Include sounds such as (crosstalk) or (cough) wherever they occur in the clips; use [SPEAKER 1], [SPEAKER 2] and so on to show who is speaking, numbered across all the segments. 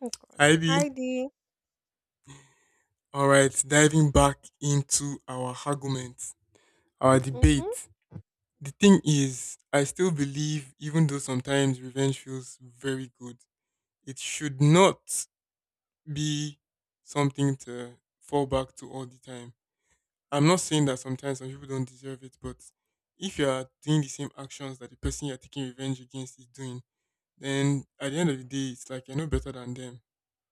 [SPEAKER 1] Oh God.
[SPEAKER 2] Ivy,
[SPEAKER 1] Hi, D.
[SPEAKER 2] all right, diving back into our argument, our
[SPEAKER 1] Mhm.
[SPEAKER 2] debate. The thing is, I still believe, even though sometimes revenge feels very good, it should not be something to fall back to all the time. I'm not saying that sometimes some people don't deserve it, but if you are doing the same actions that the person you're taking revenge against is doing, then at the end of the day, it's like you're no better than them.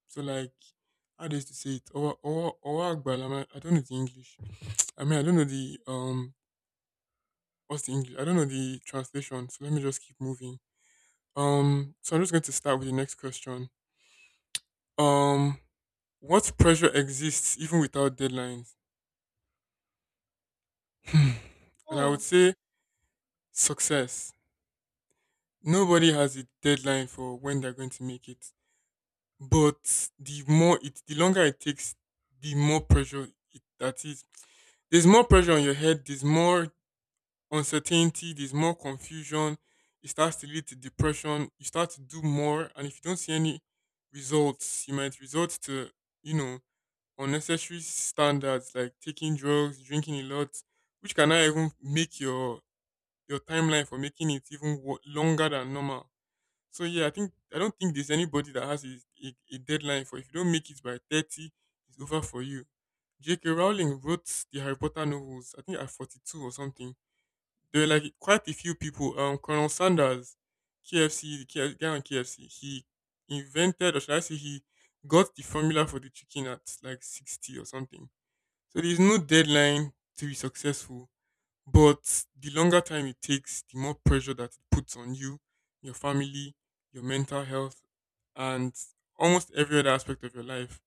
[SPEAKER 2] So, like, how do you say it? I don't know the English. I mean, I don't know the what's the English? I don't know the translation, so let me just keep moving. So I'm just going to start with the next question. Um, what pressure exists even without deadlines? (laughs) Hmm. And I would
[SPEAKER 1] Mm.
[SPEAKER 2] say success. Nobody has a deadline for when they're going to make it, but the longer it takes, the more pressure it, that is. There's more pressure on your head. There's more uncertainty, there's more confusion. It starts to lead to depression. You start to do more, and if you don't see any results, you might resort to, you know, unnecessary standards like taking drugs, drinking a lot, which can now even make your timeline for making it even longer than normal. So yeah, I don't think there's anybody that has a deadline for if you don't make it by 30, it's over for you. J.K. Rowling wrote the Harry Potter novels, I think at 42 or something. There were like quite a few people. Colonel Sanders, KFC, guy on KFC, he invented, or should I say, he got the formula for the chicken at like 60 or something. So there's no deadline to be successful, but the longer time it takes, the more pressure that it puts on you, your family, your mental health, and almost every other aspect of your life.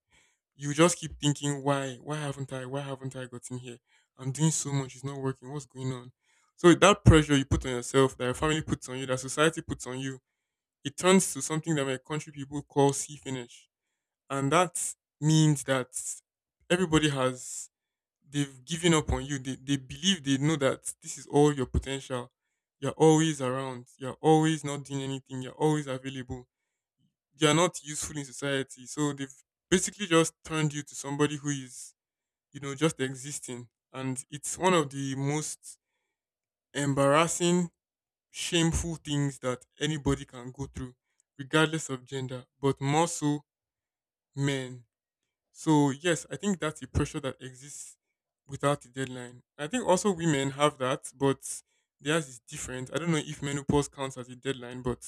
[SPEAKER 2] You just keep thinking, why haven't I gotten here? I'm doing so much, it's not working. What's going on? So that pressure you put on yourself, that your family puts on you, that society puts on you, it turns to something that my country people call see finish, and that means that everybody has they've given up on you. They believe, they know that this is all your potential. You're always around. You're always not doing anything. You're always available. You're not useful in society. So they've basically just turned you to somebody who is, just existing. And it's one of the most embarrassing, shameful things that anybody can go through, regardless of gender, but more so men. So, yes, I think that's a pressure that exists without a deadline. I think also women have that, but theirs is different. I don't know if menopause counts as a deadline, but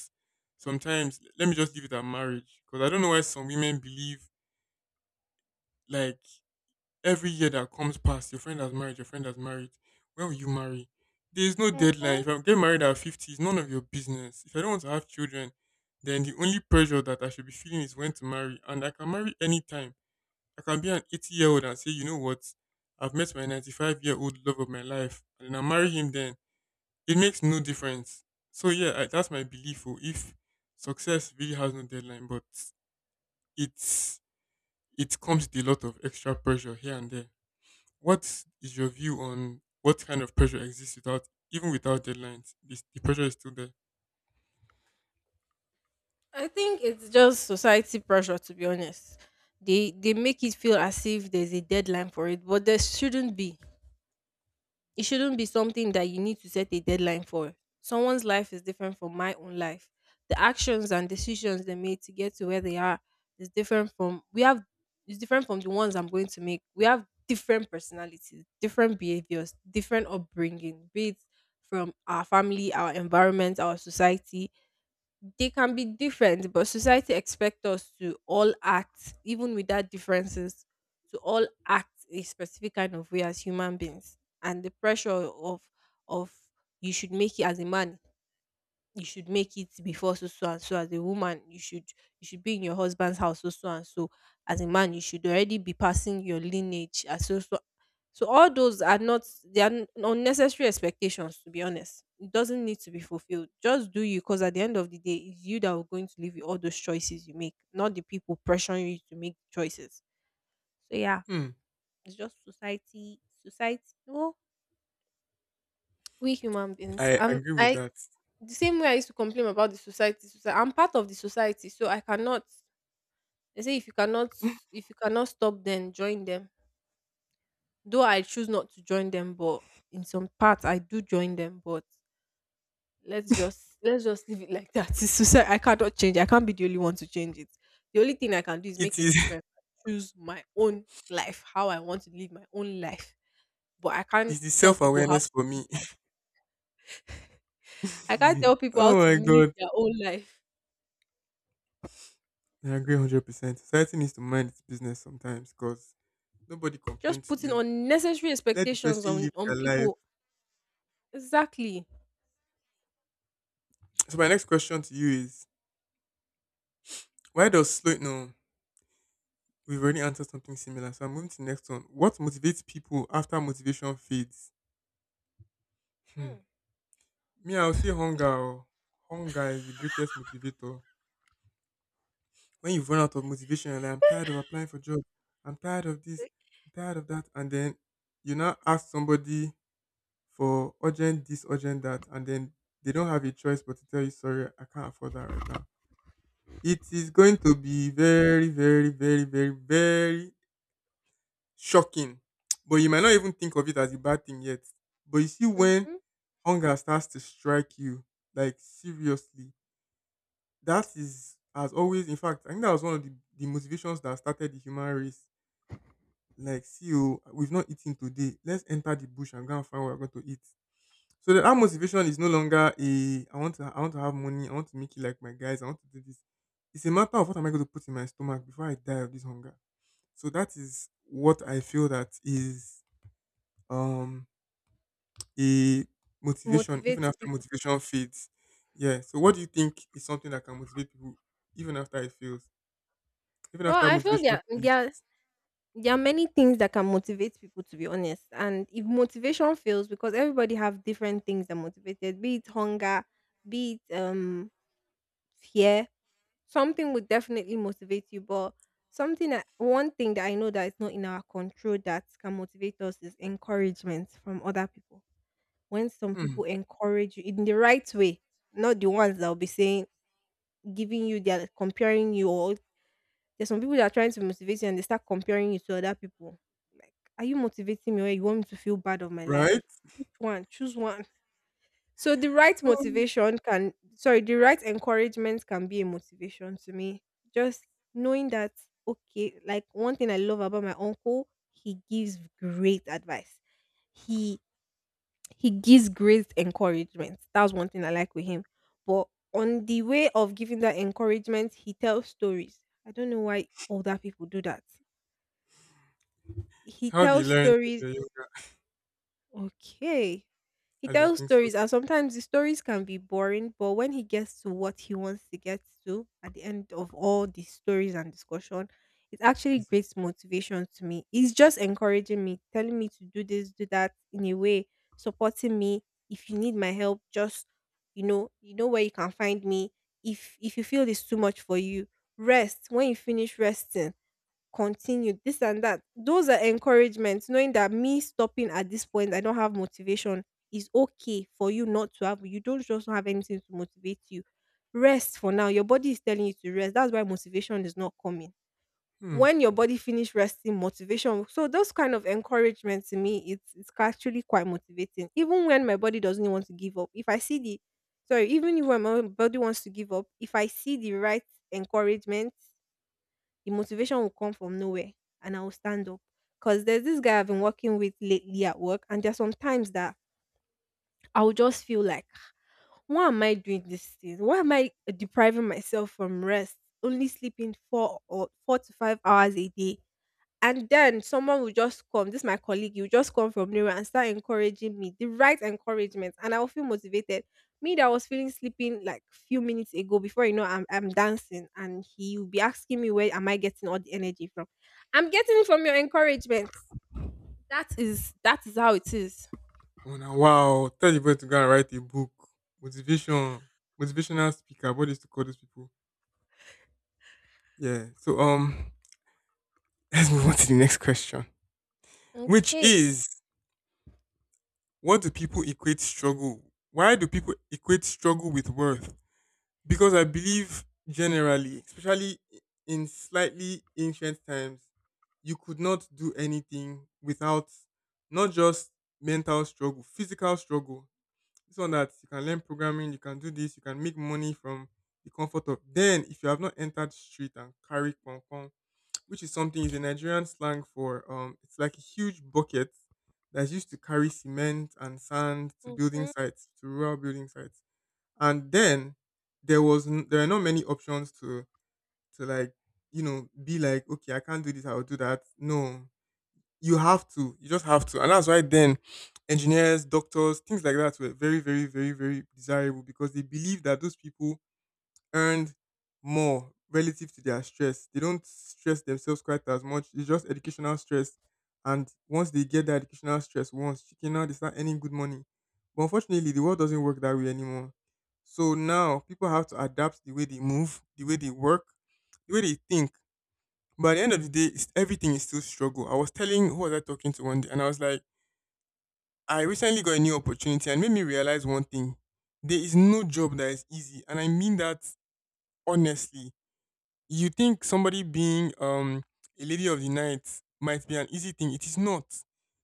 [SPEAKER 2] sometimes let me just leave it at marriage, because I don't know why some women believe, like, every year that comes past, your friend has married, your friend has married. When will you marry? There is no deadline.
[SPEAKER 1] Mhm.
[SPEAKER 2] If I'm getting married at 50, it's none of your business. If I don't want to have children, then the only pressure that I should be feeling is when to marry. And I can marry anytime. I can be an 80-year-old and say, you know what? I've met my 95-year-old love of my life, and then I marry him then. It makes no difference. So, yeah, that's my belief. Oh, If success really has no deadline, but it's, it comes with a lot of extra pressure here and there. What is your view on what kind of pressure exists without even without deadlines? The pressure is still there.
[SPEAKER 1] I think it's just society pressure, to be honest. They make it feel as if there's a deadline for it, but there shouldn't be. It shouldn't be something that you need to set a deadline for. Someone's life is different from my own life. The actions and decisions they made to get to where they are is different from we have is different from the ones I'm going to make. We have different personalities, different behaviors, different upbringing, be it from our family, our environment, our society. They can be different, but society expects us to all act, even without differences, to all act a specific kind of way as human beings. And the pressure of of you should make it as a man, you should make it before so so and so, as a woman you should be in your husband's house so so and so, as a man you should already be passing your lineage as so so so. All those are not, unnecessary expectations, to be honest. It doesn't need to be fulfilled, just do you, because at the end of the day it's you that will going to live with all those choices you make, not the people pressuring you to make choices. So yeah,
[SPEAKER 2] Hmm.
[SPEAKER 1] it's just society, society. No, we human beings,
[SPEAKER 2] I agree
[SPEAKER 1] I
[SPEAKER 2] with that.
[SPEAKER 1] the same way I used to complain about the society, socie I'm part of the society, so I cannot. They say, if you cannot, if you cannot stop them, join them. Though I choose not to join them, but in some parts I do join them, but let's just leave it like that. (laughs) It's society, I cannot change. I can't be the only one to change it. The only thing I can do is
[SPEAKER 2] It
[SPEAKER 1] make a
[SPEAKER 2] is.
[SPEAKER 1] difference. Choose my own life, how I want to live my own life. But
[SPEAKER 2] (laughs) It's the self awareness for me.
[SPEAKER 1] I can't
[SPEAKER 2] (laughs)
[SPEAKER 1] tell people how
[SPEAKER 2] Oh
[SPEAKER 1] to
[SPEAKER 2] my
[SPEAKER 1] live
[SPEAKER 2] god.
[SPEAKER 1] their own life.
[SPEAKER 2] I agree 100%. Society needs to mind its business sometimes because nobody
[SPEAKER 1] Just
[SPEAKER 2] complains to
[SPEAKER 1] putting
[SPEAKER 2] you.
[SPEAKER 1] unnecessary
[SPEAKER 2] Let the
[SPEAKER 1] expectations
[SPEAKER 2] person live
[SPEAKER 1] on
[SPEAKER 2] their life.
[SPEAKER 1] people. Exactly.
[SPEAKER 2] So my next question to you is, why does slow no we've already answered something similar. So I'm moving to the next one. What motivates people after motivation fades? Hmm.
[SPEAKER 1] Hmm.
[SPEAKER 2] Me, I will say hunger. Oh. Hunger is the greatest motivator. When you've run out of motivation, you're like, I'm tired of applying for jobs. I'm tired of this. I'm tired of that. And then you now ask somebody for urgent this, urgent that. And then they don't have a choice but to tell you, sorry, I can't afford that right now. It is going to be very, very, very, very, very shocking. But you might not even think of it as a bad thing yet. But you see, when
[SPEAKER 1] Mm-hmm.
[SPEAKER 2] hunger starts to strike you, like seriously, that is, as always, in fact I think that was one of the motivations that started the human race. Like, see, oh, we've not eaten today, let's enter the bush and go and find what we're going to eat. So that motivation is no longer a I want to have money, I want to make it like my guys, I want to do this. It's a matter of what am I going to put in my stomach before I die of this hunger. So that is what I feel that is um a motivation even
[SPEAKER 1] Motivates
[SPEAKER 2] after
[SPEAKER 1] people.
[SPEAKER 2] motivation fades. Yeah, so what do you think is something that can motivate people even after it fails, even
[SPEAKER 1] Well,
[SPEAKER 2] after
[SPEAKER 1] I feel
[SPEAKER 2] motivation finishes.
[SPEAKER 1] there are many things that can motivate people, to be honest. And if motivation fails, because everybody have different things that motivated, be it hunger, be it fear, something would definitely motivate you, but something that one thing that I know that is not in our control that can motivate us is encouragement from other people. When some
[SPEAKER 2] Hmm.
[SPEAKER 1] people encourage you in the right way, not the ones that will be saying, giving you they're comparing you, or there's some people that are trying to motivate you and they start comparing you to other people, like, are you motivating me, or you want me to feel bad of my life?
[SPEAKER 2] Right?
[SPEAKER 1] Which one? Choose one. So the right
[SPEAKER 2] So
[SPEAKER 1] motivation can, sorry, the right encouragement can be a motivation to me. Just knowing that, okay, like one thing I love about my uncle, he gives great advice. He he gives great encouragement. That's one thing I like with him. But on the way of giving that encouragement, he tells stories. I don't know why older people do that.
[SPEAKER 2] it's
[SPEAKER 1] He
[SPEAKER 2] how they
[SPEAKER 1] tells
[SPEAKER 2] learn when
[SPEAKER 1] stories.
[SPEAKER 2] they're younger.
[SPEAKER 1] Okay. He
[SPEAKER 2] As I
[SPEAKER 1] tells
[SPEAKER 2] think so.
[SPEAKER 1] stories, and sometimes the stories can be boring, but when he gets to what he wants to get to at the end of all the stories and discussion, it's actually
[SPEAKER 2] It's—
[SPEAKER 1] great motivation to me. He's just encouraging me, telling me to do this, do that in a way, supporting me. If you need my help, just you know where you can find me. If you feel it's too much for you, rest. When you finish resting, continue this and that. Those are encouragements, knowing that me stopping at this point, I don't have motivation, is okay. For you not to have, you don't just have anything to motivate you, rest for now. Your body is telling you to rest, that's why motivation is not coming.
[SPEAKER 2] Hmm.
[SPEAKER 1] When your body finish resting, motivation. So those kind of encouragement to me, it's actually quite motivating. Even when my body doesn't want to give up, if I see the, sorry, even if when my body wants to give up, if I see the right encouragement, the motivation will come from nowhere, and I will stand up. Because there's this guy I've been working with lately at work, and there's some times that I'll just feel like, why am I doing this thing? Why am I depriving myself from rest? Only sleeping 4 or 4 to 5 hours a day, and then someone will just come, this is my colleague, you just come from nowhere and start encouraging me, the right encouragement, and I will feel motivated. Me that was feeling sleeping like few minutes ago, before you know, I'm dancing, and he will be asking me where am I getting all the energy from? I'm getting it from your encouragement. That is how it is.
[SPEAKER 2] Oh, now, wow. Tell the boy to go and write a book. Motivation. Motivational speaker. What is to call these people? Yeah. So (laughs) let's move on to the next question. Which
[SPEAKER 1] Okay.
[SPEAKER 2] is, what do people equate struggle? Why do people equate struggle with worth? Because I believe generally, especially in slightly ancient times, you could not do anything without, not just mental struggle, physical struggle. This one that you can learn programming, you can do this, you can make money from the comfort of. Then, if you have not entered street and carry konkon, which is something, is a Nigerian slang for, it's like a huge bucket that's used to carry cement and sand to building
[SPEAKER 1] Mhm.
[SPEAKER 2] sites, to rural building sites. And then there were not many options to, like, you know, be like, okay, I can't do this, I'll do that. No, you have to, you just have to. And that's why then engineers, doctors, things like that were very, very, very, very desirable, because they believe that those people earned more relative to their stress. They don't stress themselves quite as much. It's just educational stress. And once they get that educational stress once, chicken, now they start earning good money. But unfortunately, the world doesn't work that way anymore. So now people have to adapt the way they move, the way they work, the way they think. But at the end of the day, everything is still struggle. I was telling, who was I talking to one day, and I was like, I recently got a new opportunity, and made me realize one thing: there is no job that is easy, and I mean that honestly. You think somebody being a lady of the night might be an easy thing. It is not.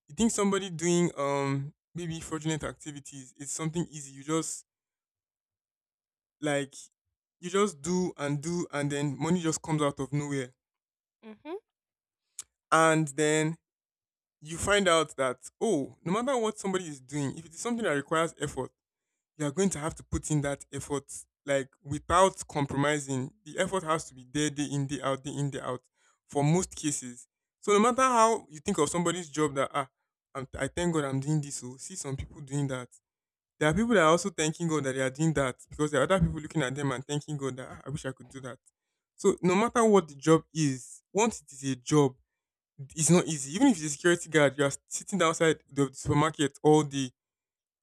[SPEAKER 2] You think somebody doing maybe fraudulent activities is something easy. You just, like, you just do and then money just comes out of nowhere.
[SPEAKER 1] Mhm.
[SPEAKER 2] And then you find out that, oh, no matter what somebody is doing, if it is something that requires effort, you are going to have to put in that effort, like, without compromising. The effort has to be there day in day out, day in day out, for most cases. So no matter how you think of somebody's job that, ah, I thank god I'm doing this, so see some people doing that, there are people that are also thanking god that they are doing that, because there are other people looking at them and thanking god that, ah, I wish I could do that. So no matter what the job is, once it is a job, it's not easy. Even if it's a security guard, you are sitting outside the supermarket all day,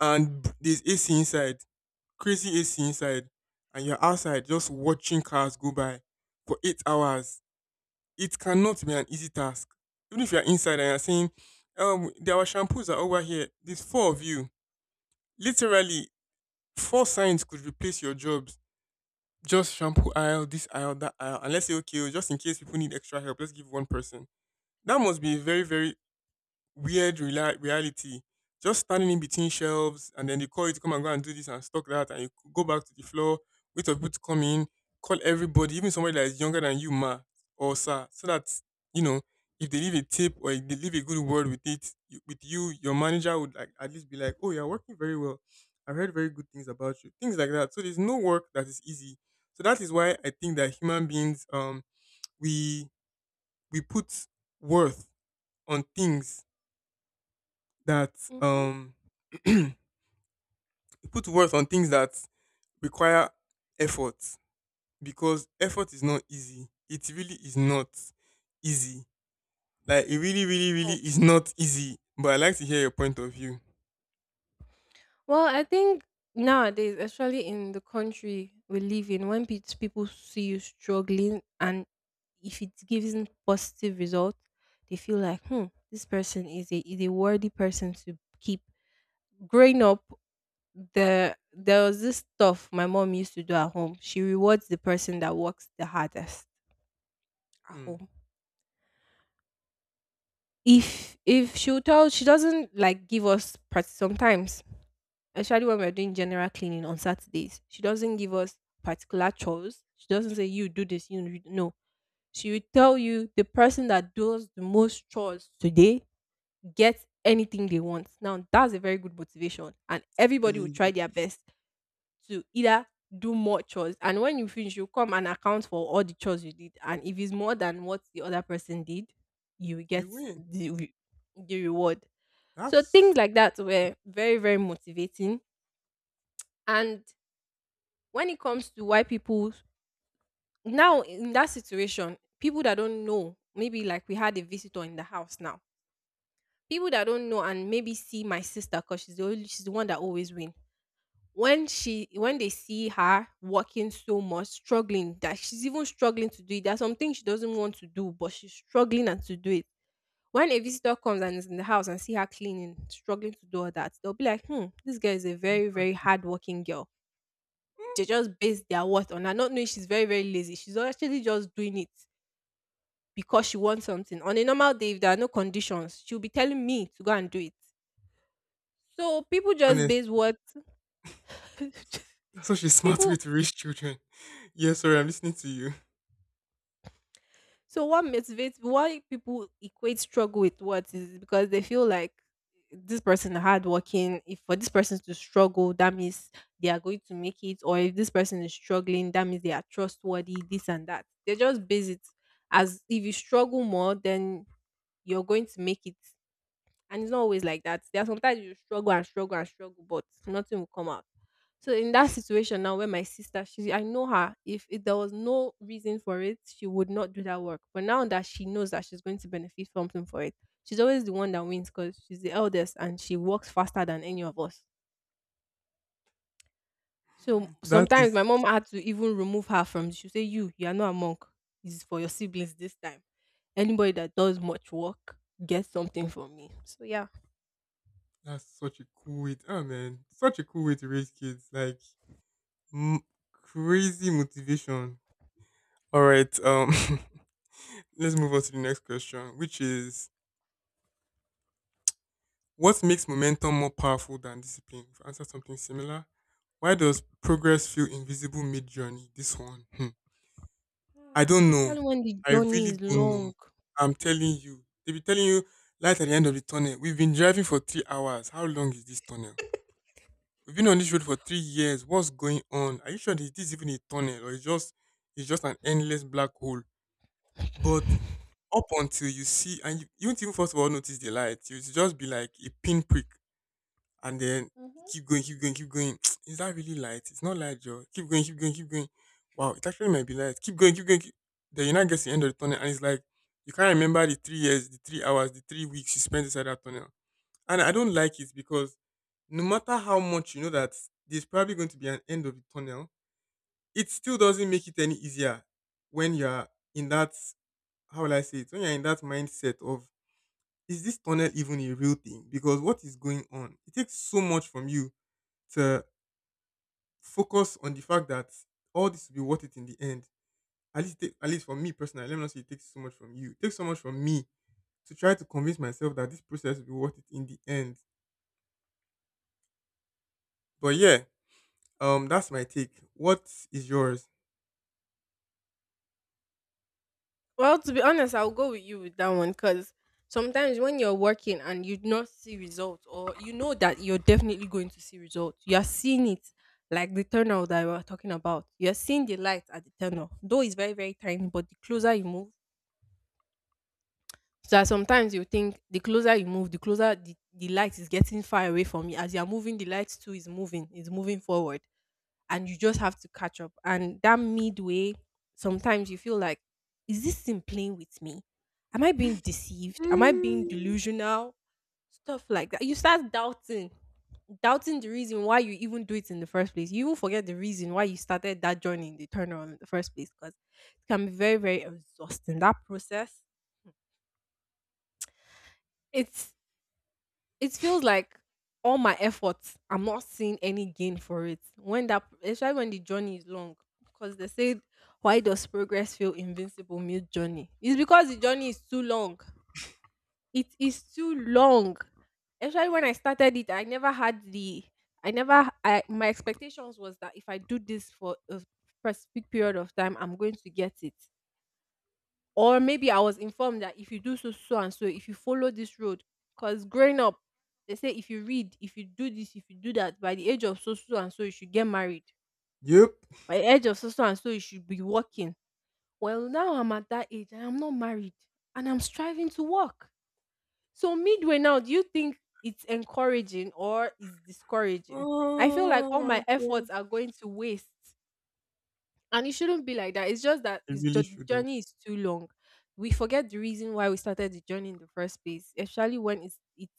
[SPEAKER 2] and there's ac inside, crazy AC inside, and you're outside just watching cars go by for 8 hours, it cannot be an easy task. Even if you're inside and you're saying, there are shampoos are over here. There's four of you. Literally, four signs could replace your jobs. Just shampoo aisle, this aisle, that aisle. And let's say, okay, oh, just in case people need extra help, let's give one person. That must be a very, very weird rela reality. Just standing in between shelves, and then they call you to come and go and do this and stock that, and you c- go back to the floor, wait for people to come in, call everybody, even somebody that is younger than you, ma or sir, so that you know if they leave a tip or if they leave a good word with it you, with you, your manager would like at least be like, "Oh, you're working very well. I've heard very good things about you." Things like that. So there's no work that is easy. So that is why I think that human beings, we we put worth on things that
[SPEAKER 1] Mhm.
[SPEAKER 2] um (clears throat) put words on things that require effort because effort is not easy. It really is not easy. Like it really, really, really is not easy. But I like to hear your point of view.
[SPEAKER 1] Well, I think nowadays, especially in the country we live in, when people see you struggling and if it gives them positive result, they feel like, hmm, this person is a worthy person to keep. Growing up, there was this stuff my mom used to do at home. She rewards the person that works the hardest at
[SPEAKER 2] Hmm.
[SPEAKER 1] home. If she'll tell, she doesn't like give us practice sometimes, especially when we're doing general cleaning on Saturdays. She doesn't give us particular chores. She doesn't say, you do this, you do—" no. She will tell you, the person that does the most chores today gets anything they want. Now that's a very good motivation, and everybody will
[SPEAKER 2] Telling
[SPEAKER 1] try
[SPEAKER 2] you,
[SPEAKER 1] their best to either do more chores, and when you finish, you come and account for all the chores you did, and if it's more than what the other person did, you will
[SPEAKER 2] you
[SPEAKER 1] get
[SPEAKER 2] win.
[SPEAKER 1] the re- the reward. So things
[SPEAKER 2] That's
[SPEAKER 1] like that were very, very motivating, and when it comes to why people, now in that situation, people that don't know, maybe like we had a visitor in the house now, people that don't know and maybe see my sister, because she's the only, she's the one that always win. When they see her working so much, struggling, that she's even struggling to do it. There's something she doesn't want to do, but she's struggling and to do it. When a visitor comes and is in the house and see her cleaning, struggling to do all that, they'll be like, "Hmm, this girl is a very,
[SPEAKER 2] hard.
[SPEAKER 1] very hardworking girl." They just base their worth on her, not knowing she's very, very lazy. She's actually just doing it because she wants something. On a normal day, if there are no conditions, she'll be telling me to go and do it. So people just
[SPEAKER 2] Honest.
[SPEAKER 1] base what. (laughs)
[SPEAKER 2] That's such a smart way
[SPEAKER 1] People.
[SPEAKER 2] to raise children. (laughs) Yeah, sorry, I'm listening to you.
[SPEAKER 1] So what motivates, why people equate struggle with what, is because they feel like this person are hardworking. If for this person to struggle, that means they are going to make it, or if this person is struggling, that means they are trustworthy, this and that. They just base it as if you struggle more, then you're going to make it. And it's not always like that. There are sometimes you struggle and struggle and struggle, but nothing will come out. So in that situation now, where my sister, she, I know her. If there was no reason for it, she would not do that work. But now that she knows that she's going to benefit something for it, she's always the one that wins because she's the eldest and she works faster than any of us. So
[SPEAKER 2] (laughs) That
[SPEAKER 1] sometimes
[SPEAKER 2] is
[SPEAKER 1] my mom had to even remove her from. She say, You are not a monk. It's for your siblings this time. Anybody that does much work gets something from me." So yeah.
[SPEAKER 2] that's such a cool way. Oh man, such a cool way to raise kids. Like m- crazy motivation. All right. (laughs) Let's move on to the next question, which is what makes momentum more powerful than discipline? We've answered something similar. Why does progress feel invisible mid journey? This one, hmm.
[SPEAKER 1] (sighs) Ah,
[SPEAKER 2] I don't know.
[SPEAKER 1] especially when the
[SPEAKER 2] I
[SPEAKER 1] journey
[SPEAKER 2] really
[SPEAKER 1] is
[SPEAKER 2] don't know.
[SPEAKER 1] long.
[SPEAKER 2] I'm telling you, they be telling you light at the end of the tunnel. We've been driving for 3 hours. How long is this tunnel? We've been on this road for 3 years. What's going on? Are you sure this is even a tunnel or it's just an endless black hole? But up until you see, and you won't even first of all notice the light. You'll just be like a pinprick, and then
[SPEAKER 1] Mm-hmm.
[SPEAKER 2] keep going, keep going, keep going. (tsk) Is that really light? It's not light, Joe. Keep going, keep going, keep going. Wow, it actually might be light. Keep going, keep going. Keep... (tsk) Then you now get to the end of the tunnel, and it's like you can't remember the 3 years, the 3 hours, the 3 weeks you spent inside that tunnel. And I don't like it because no matter how much you know that there's probably going to be an end of the tunnel, it still doesn't make it any easier when you're in that how will I say it? When you're in that mindset of is this tunnel even a real thing? Because what is going on? It takes so much from you to focus on the fact that all this will be worth it in the end. At least, it- at least for me personally, let me not say it takes so much from you. It takes so much from me to try to convince myself that this process will be worth it in the end. But yeah, that's my take. What is yours?
[SPEAKER 1] Well, to be honest, I'll go with you with that one because sometimes when you're working and you do not see results, or you know that you're definitely going to see results, you're seeing it, like the tunnel that we were talking about. You're seeing the light at the tunnel, though it's very, very tiny, but the closer you move, so that sometimes you think the closer you move, the closer the light is getting far away from you. As you're moving, the light too is moving forward. And you just have to catch up. And that midway, sometimes you feel like, is this thing playing with me? Am I being deceived? Am I being
[SPEAKER 2] Mm,
[SPEAKER 1] delusional? Stuff like that. You start doubting, doubting the reason why you even do it in the first place. You even forget the reason why you started that journey in the turnaround in the first place because it can be very, very exhausting. That process, it's it feels like all my efforts, I'm not seeing any gain for it. Especially when the journey is long, because they said, why does progress feel invincible mute journey? It's because the journey is too long. It is too long. Especially when I started it, I never had the, I never, I, my expectations was that if I do this for a specific period of time, I'm going to get it, or maybe I was informed that if you do so, so and so, if you follow this road, because growing up, they say if you read, if you do this, if you do that, by the age of so, so and so, you should get married.
[SPEAKER 2] yep.
[SPEAKER 1] By the age of so, so and so, you should be working. Well, now I'm at that age and I'm not married, and I'm striving to work. So, midway now, do you think it's encouraging or is discouraging? I feel like
[SPEAKER 2] Oh
[SPEAKER 1] all
[SPEAKER 2] my
[SPEAKER 1] my
[SPEAKER 2] god,
[SPEAKER 1] efforts are going to waste, and it shouldn't be like that. It's just that
[SPEAKER 2] you
[SPEAKER 1] it's
[SPEAKER 2] really
[SPEAKER 1] the
[SPEAKER 2] shouldn't.
[SPEAKER 1] journey is too long. We forget the reason why we started the journey in the first place, especially when it's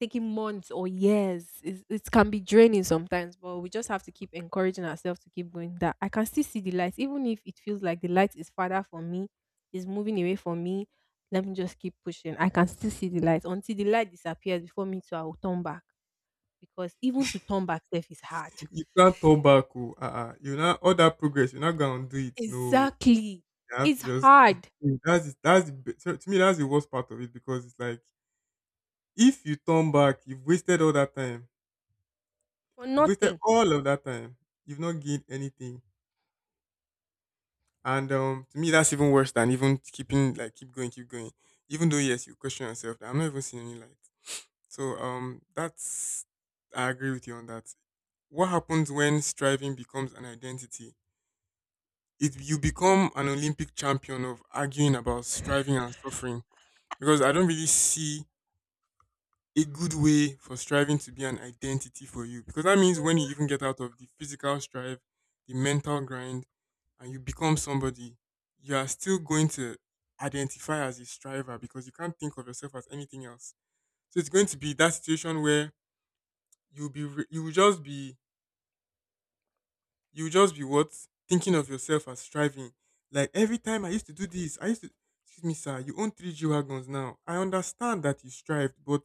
[SPEAKER 1] taking months or years. It's, it can be draining sometimes, but we just have to keep encouraging ourselves to keep going. That I can still see the light, even if it feels like the light is farther from me, is moving away from me. Let me just keep pushing. I can still see the light until the light disappears before me, so I will turn back because even to turn back, self is hard.
[SPEAKER 2] You can't turn back. Oh, uh-uh. You now all that progress. You're not gonna do it. No,
[SPEAKER 1] Exactly,
[SPEAKER 2] you have to
[SPEAKER 1] it's
[SPEAKER 2] just keep
[SPEAKER 1] hard
[SPEAKER 2] going. That's the, be- to me that's the worst part of it because it's like if you turn back, you've wasted all that time.
[SPEAKER 1] for
[SPEAKER 2] You've wasted
[SPEAKER 1] nothing.
[SPEAKER 2] all of that time. You've not gained anything. And to me that's even worse than even keeping like keep going, keep going. Even though yes, you question yourself that I'm not even seeing any light. So that's I agree with you on that. What happens when striving becomes an identity? It, you
[SPEAKER 1] Hmm.
[SPEAKER 2] become an Olympic champion of arguing about striving and suffering because I don't really see a good way for striving to be an identity for you because that means when you even get out of the physical strive, the mental grind, and you become somebody, you are still going to identify as a striver because you can't think of yourself as anything else. So it's going to be that situation where you'll be re- you will just be you will just be what thinking of yourself as striving. Like every time I used to do this, I used to. Excuse me, sir. You own three G wagons now. I understand that you strived, but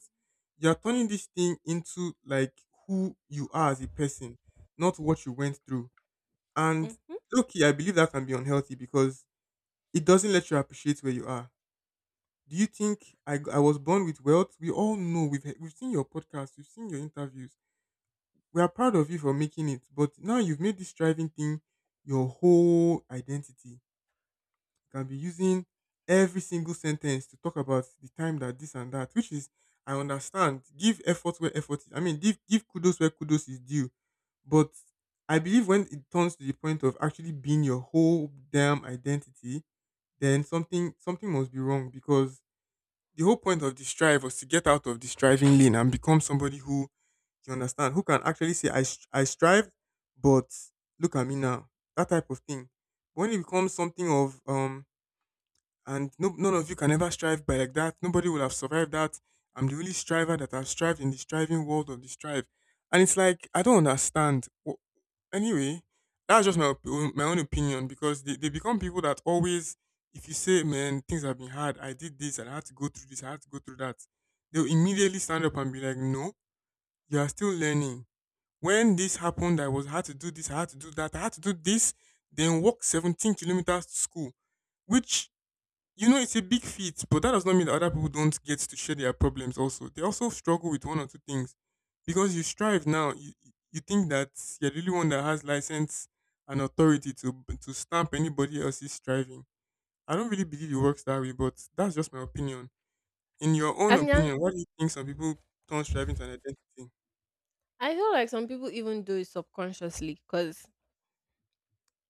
[SPEAKER 2] you are turning this thing into like who you are as a person, not what you went through. And
[SPEAKER 1] Mm-hmm.
[SPEAKER 2] okay, I believe that can be unhealthy because it doesn't let you appreciate where you are. Do you think I was born with wealth? We all know we've seen your podcast, we've seen your interviews. We are proud of you for making it, but now you've made this driving thing your whole identity. You can be using every single sentence to talk about the time that this and that, which is I understand. Give effort where effort is. I mean, give kudos where kudos is due. But I believe when it turns to the point of actually being your whole damn identity, then something something must be wrong because the whole point of the strive was to get out of the striving lane and become somebody who you understand who can actually say I str- I strived, but look at me now. That type of thing. But when it becomes something of and no, none of you can ever strive by like that. Nobody will have survived that. I'm the only striver that has strived in the striving world of the strive. And it's like I don't understand. Wh- Anyway, that's just my op- my own opinion because they become people that always, if you say, man, things have been hard, I did this and I had to go through this, I had to go through that, they'll immediately stand up and be like, no, you are still learning. When this happened, I was had to do this, I had to do that, I had to do this, then walk 17 kilometers to school, which it's a big feat, but that does not mean that other people don't get to share their problems also. They also struggle with one or two things. Because you strive now, you, you think that you're the only one that has license and authority to stamp anybody else's striving. I don't really believe it works that way, but that's just my opinion. In your own
[SPEAKER 1] And yeah,
[SPEAKER 2] opinion, what do you think some people turn striving to an identity?
[SPEAKER 1] I feel like some people even do it subconsciously because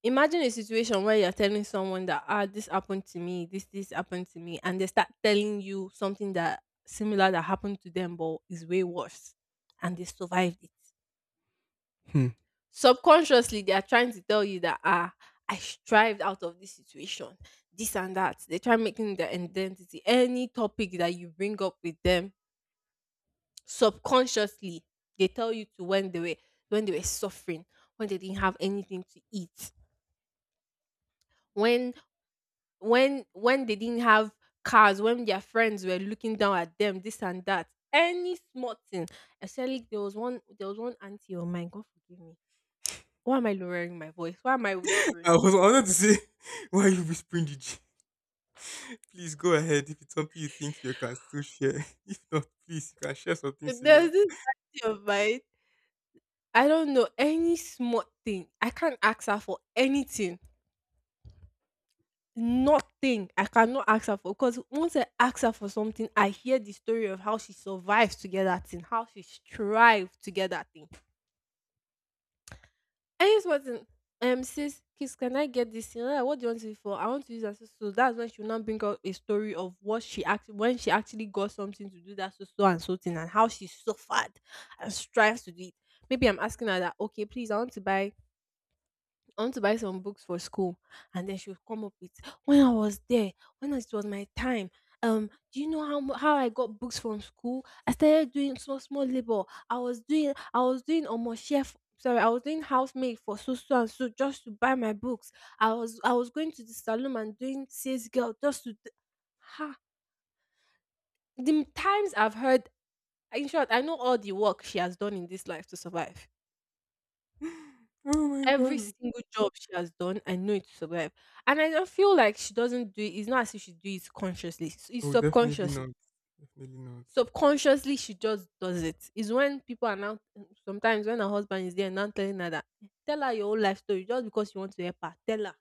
[SPEAKER 1] imagine a situation where you're telling someone that ah this happened to me, this happened to me, and they start telling you something that similar that happened to them but is way worse, and they survived it.
[SPEAKER 2] Hmm.
[SPEAKER 1] Subconsciously, they are trying to tell you that ah I strived out of this situation, this and that. They try making their identity any topic that you bring up with them subconsciously. They tell you to when they were suffering, when they didn't have anything to eat, when when they didn't have cars, when their friends were looking down at them, this and that, any small thing. Especially, there was one auntie of mine, god forgive me, why am I lowering my voice, why am I
[SPEAKER 2] (laughs)
[SPEAKER 1] whispering?
[SPEAKER 2] I wanted to say, (laughs) why are you whispering the G? (laughs) Please go ahead if it's something you think you can still share. (laughs) If not, please you can share something
[SPEAKER 1] There's
[SPEAKER 2] similar.
[SPEAKER 1] this auntie of mine, I don't know, any small thing I can't ask her for anything. Nothing. I cannot ask her for, because once I ask her for something, I hear the story of how she survived to get that thing, how she strived to get that thing. And it's wasn't sis, kiss, can I get this thing? I'm like, what do you want it for? I want to use that. So that's when she will now bring out a story of what she actually, when she actually got something to do that so, so and so thing, and how she suffered and strives to do it. Maybe I'm asking her that, okay, please, I want to buy some books for school. And then she would come up with, when I was there, when it was my time, do you know how I got books from school? I started doing small small labor. I was doing almost chef. Sorry, I was doing housemaid for so, so and so just to buy my books. I was going to the salon and doing sales girl just to. Ha! The times I've heard. In short, I know all the work she has done in this life to survive.
[SPEAKER 2] Oh my
[SPEAKER 1] Every
[SPEAKER 2] god.
[SPEAKER 1] single job she has done, I know it to survive. And I don't feel like she doesn't do it. It's not as if she do it consciously. It's
[SPEAKER 2] Oh, definitely
[SPEAKER 1] subconsciously.
[SPEAKER 2] not. Definitely not.
[SPEAKER 1] Subconsciously, she just does it. It's when people are now sometimes, when her husband is there and now telling her that, tell her your whole life story just because you want to help her. Tell her.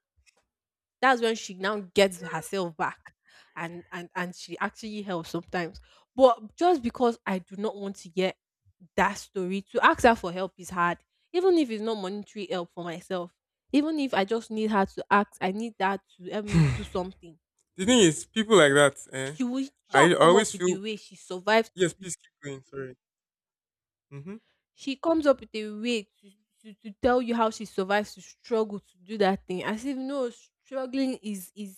[SPEAKER 1] That's when she now gets herself back, and she actually helps sometimes. But just because I do not want to get that story, to ask her for help is hard. Even if it's not monetary help for myself, even if I just need her to ask, I need that to
[SPEAKER 2] (laughs)
[SPEAKER 1] help
[SPEAKER 2] (sighs)
[SPEAKER 1] me do
[SPEAKER 2] The
[SPEAKER 1] something.
[SPEAKER 2] thing is, people like that, eh?
[SPEAKER 1] She will sure
[SPEAKER 2] I
[SPEAKER 1] come up
[SPEAKER 2] always
[SPEAKER 1] with a
[SPEAKER 2] feel
[SPEAKER 1] way she survives with
[SPEAKER 2] yes.
[SPEAKER 1] it.
[SPEAKER 2] Please keep going. Sorry. Mm-hmm.
[SPEAKER 1] She comes up with a way to, to, tell you how she survives to struggle to do that thing. As if no, struggling is is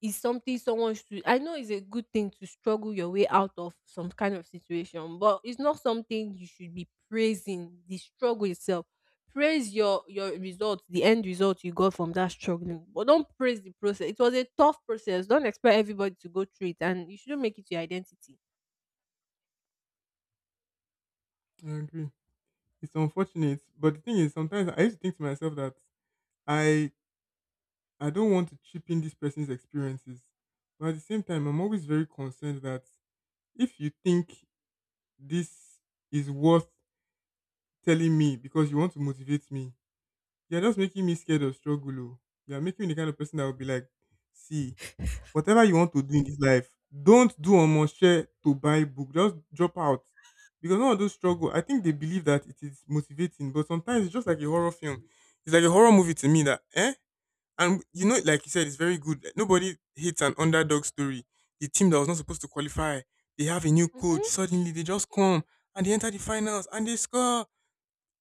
[SPEAKER 1] Is something someone should, I know it's a good thing to struggle your way out of some kind of situation, but it's not something you should be praising the struggle itself. Praise your result, the end result you got from that struggling, but don't praise the process. It was a tough process. Don't expect everybody to go through it, and you shouldn't make it your identity.
[SPEAKER 2] I agree. It's unfortunate, but the thing is, sometimes I used to think to myself that I I don't want to cheapen this person's experiences, but at the same time, I'm always very concerned that if you think this is worth telling me because you want to motivate me, you're just making me scared of struggle. Oh. You're making me the kind of person that will be like, see. Whatever you want to do in this life, don't do on share to buy book. Just drop out. Because none of those struggle, I think they believe that it is motivating, but sometimes it's just like a horror film. It's like a horror movie to me that, eh? And like you said, it's very good. Nobody hates an underdog story. The team that was not supposed to qualify, they have a new coach.
[SPEAKER 1] Mhm.
[SPEAKER 2] Suddenly they just come and they enter the finals and they score.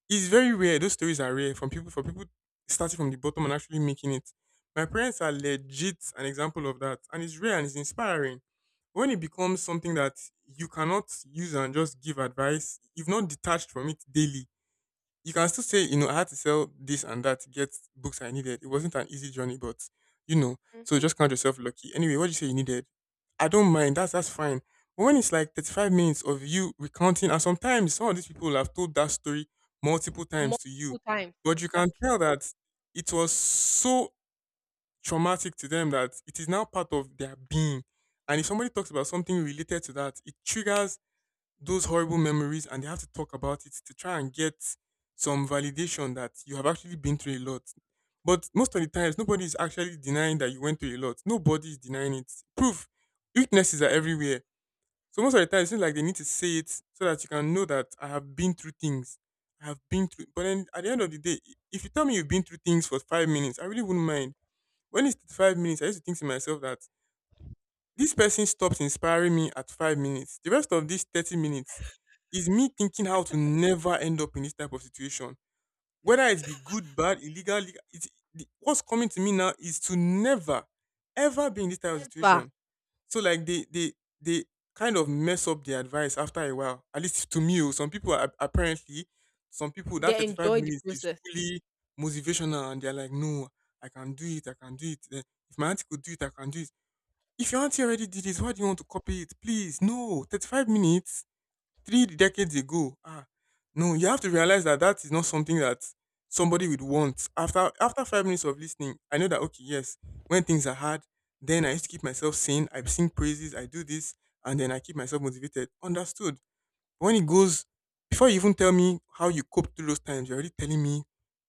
[SPEAKER 2] It's very rare. Those stories are rare from people for people starting from the bottom and actually making it. My parents are legit an example of that, and it's rare and it's inspiring. When it becomes something that you cannot use and just give advice, you've not detached from it daily you can still say, I had to sell this and that to get books I needed. It wasn't an easy journey, but you know, so
[SPEAKER 1] Mhm.
[SPEAKER 2] just count yourself lucky. Anyway, what do you say you needed? I don't mind. That's fine. But when it's like 35 minutes of you recounting, and sometimes some of these people have told that story multiple times to you,
[SPEAKER 1] Multiple times.
[SPEAKER 2] but you can
[SPEAKER 1] Exactly.
[SPEAKER 2] tell that it was so traumatic to them that it is now part of their being. And if somebody talks about something related to that, it triggers those horrible memories and they have to talk about it to try and get some validation that you have actually been through a lot. But most of the times, nobody is actually denying that you went through a lot. Nobody is denying it. Proof, witnesses are everywhere. So most of the time, it seems like they need to say it so that you can know that I have been through things. I have been through. But then at the end of the day, I- if you tell me you've been through things for 5 minutes, I really wouldn't mind. When it's 5 minutes, I used to think to myself that this person stops inspiring me at 5 minutes. The rest of these 30 minutes is me thinking how to never end up in this type of situation. Whether it be good, bad, illegal, legal, it's, the, what's coming to me now is to never, ever be in this type of
[SPEAKER 1] Ever.
[SPEAKER 2] situation. So like they kind of mess up the advice after a while. At least to me, oh, some people are, apparently, some people that
[SPEAKER 1] They
[SPEAKER 2] 35
[SPEAKER 1] enjoy the
[SPEAKER 2] minutes is
[SPEAKER 1] process.
[SPEAKER 2] fully motivational and they're like, no, I can do it, I can do it. Eh, if my auntie could do it, I can do it if your auntie already did it, why do you want to copy it? Please, no. 35 minutes, three decades ago. Ah, no, you have to realize that that is not something that somebody would want. After after 5 minutes of listening, I know that, okay, yes, when things are hard, then I used to keep myself sane. I sing praises, I do this, and then I keep myself motivated. Understood. But when it goes, before you even tell me how you coped through those times, you're already telling me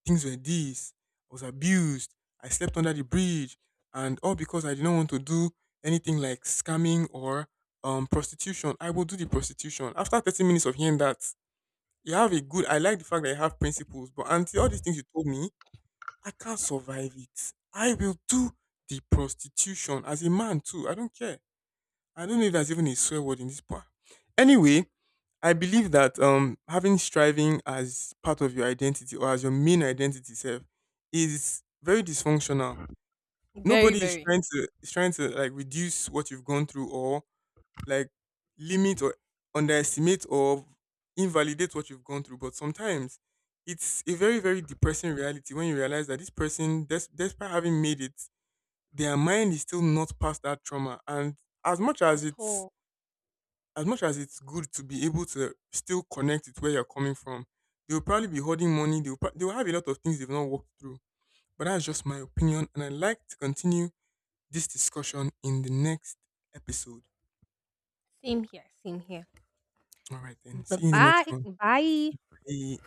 [SPEAKER 2] things were this, I was abused, I slept under the bridge, and all because I didn't want to do anything like scamming or prostitution. I will do the prostitution. After 30 minutes of hearing that, you have a good I like the fact that you have principles, but until all these things you told me, I can't survive it. I will do the prostitution as a man too. I don't care. I don't know if there's even a swear word in this part. Anyway, I believe that having striving as part of your identity or as your main identity self is very dysfunctional.
[SPEAKER 1] Very,
[SPEAKER 2] Nobody
[SPEAKER 1] very.
[SPEAKER 2] is trying to like reduce what you've gone through or like limit or underestimate or invalidate what you've gone through. But sometimes it's a very, very depressing reality when you realize that this person, des- despite having made it, their mind is still not past that trauma. And as much
[SPEAKER 1] At
[SPEAKER 2] as it's
[SPEAKER 1] all.
[SPEAKER 2] as much as it's good to be able to still connect with where you're coming from, they'll probably be holding money. They'll pro- they'll have a lot of things they've not walked through. But that's just my opinion, and I'd like to continue this discussion in the next episode.
[SPEAKER 1] Same here. Same here.
[SPEAKER 2] All right, then.
[SPEAKER 1] Bye
[SPEAKER 2] See you in the next
[SPEAKER 1] bye.
[SPEAKER 2] one.
[SPEAKER 1] Bye.
[SPEAKER 2] Bye.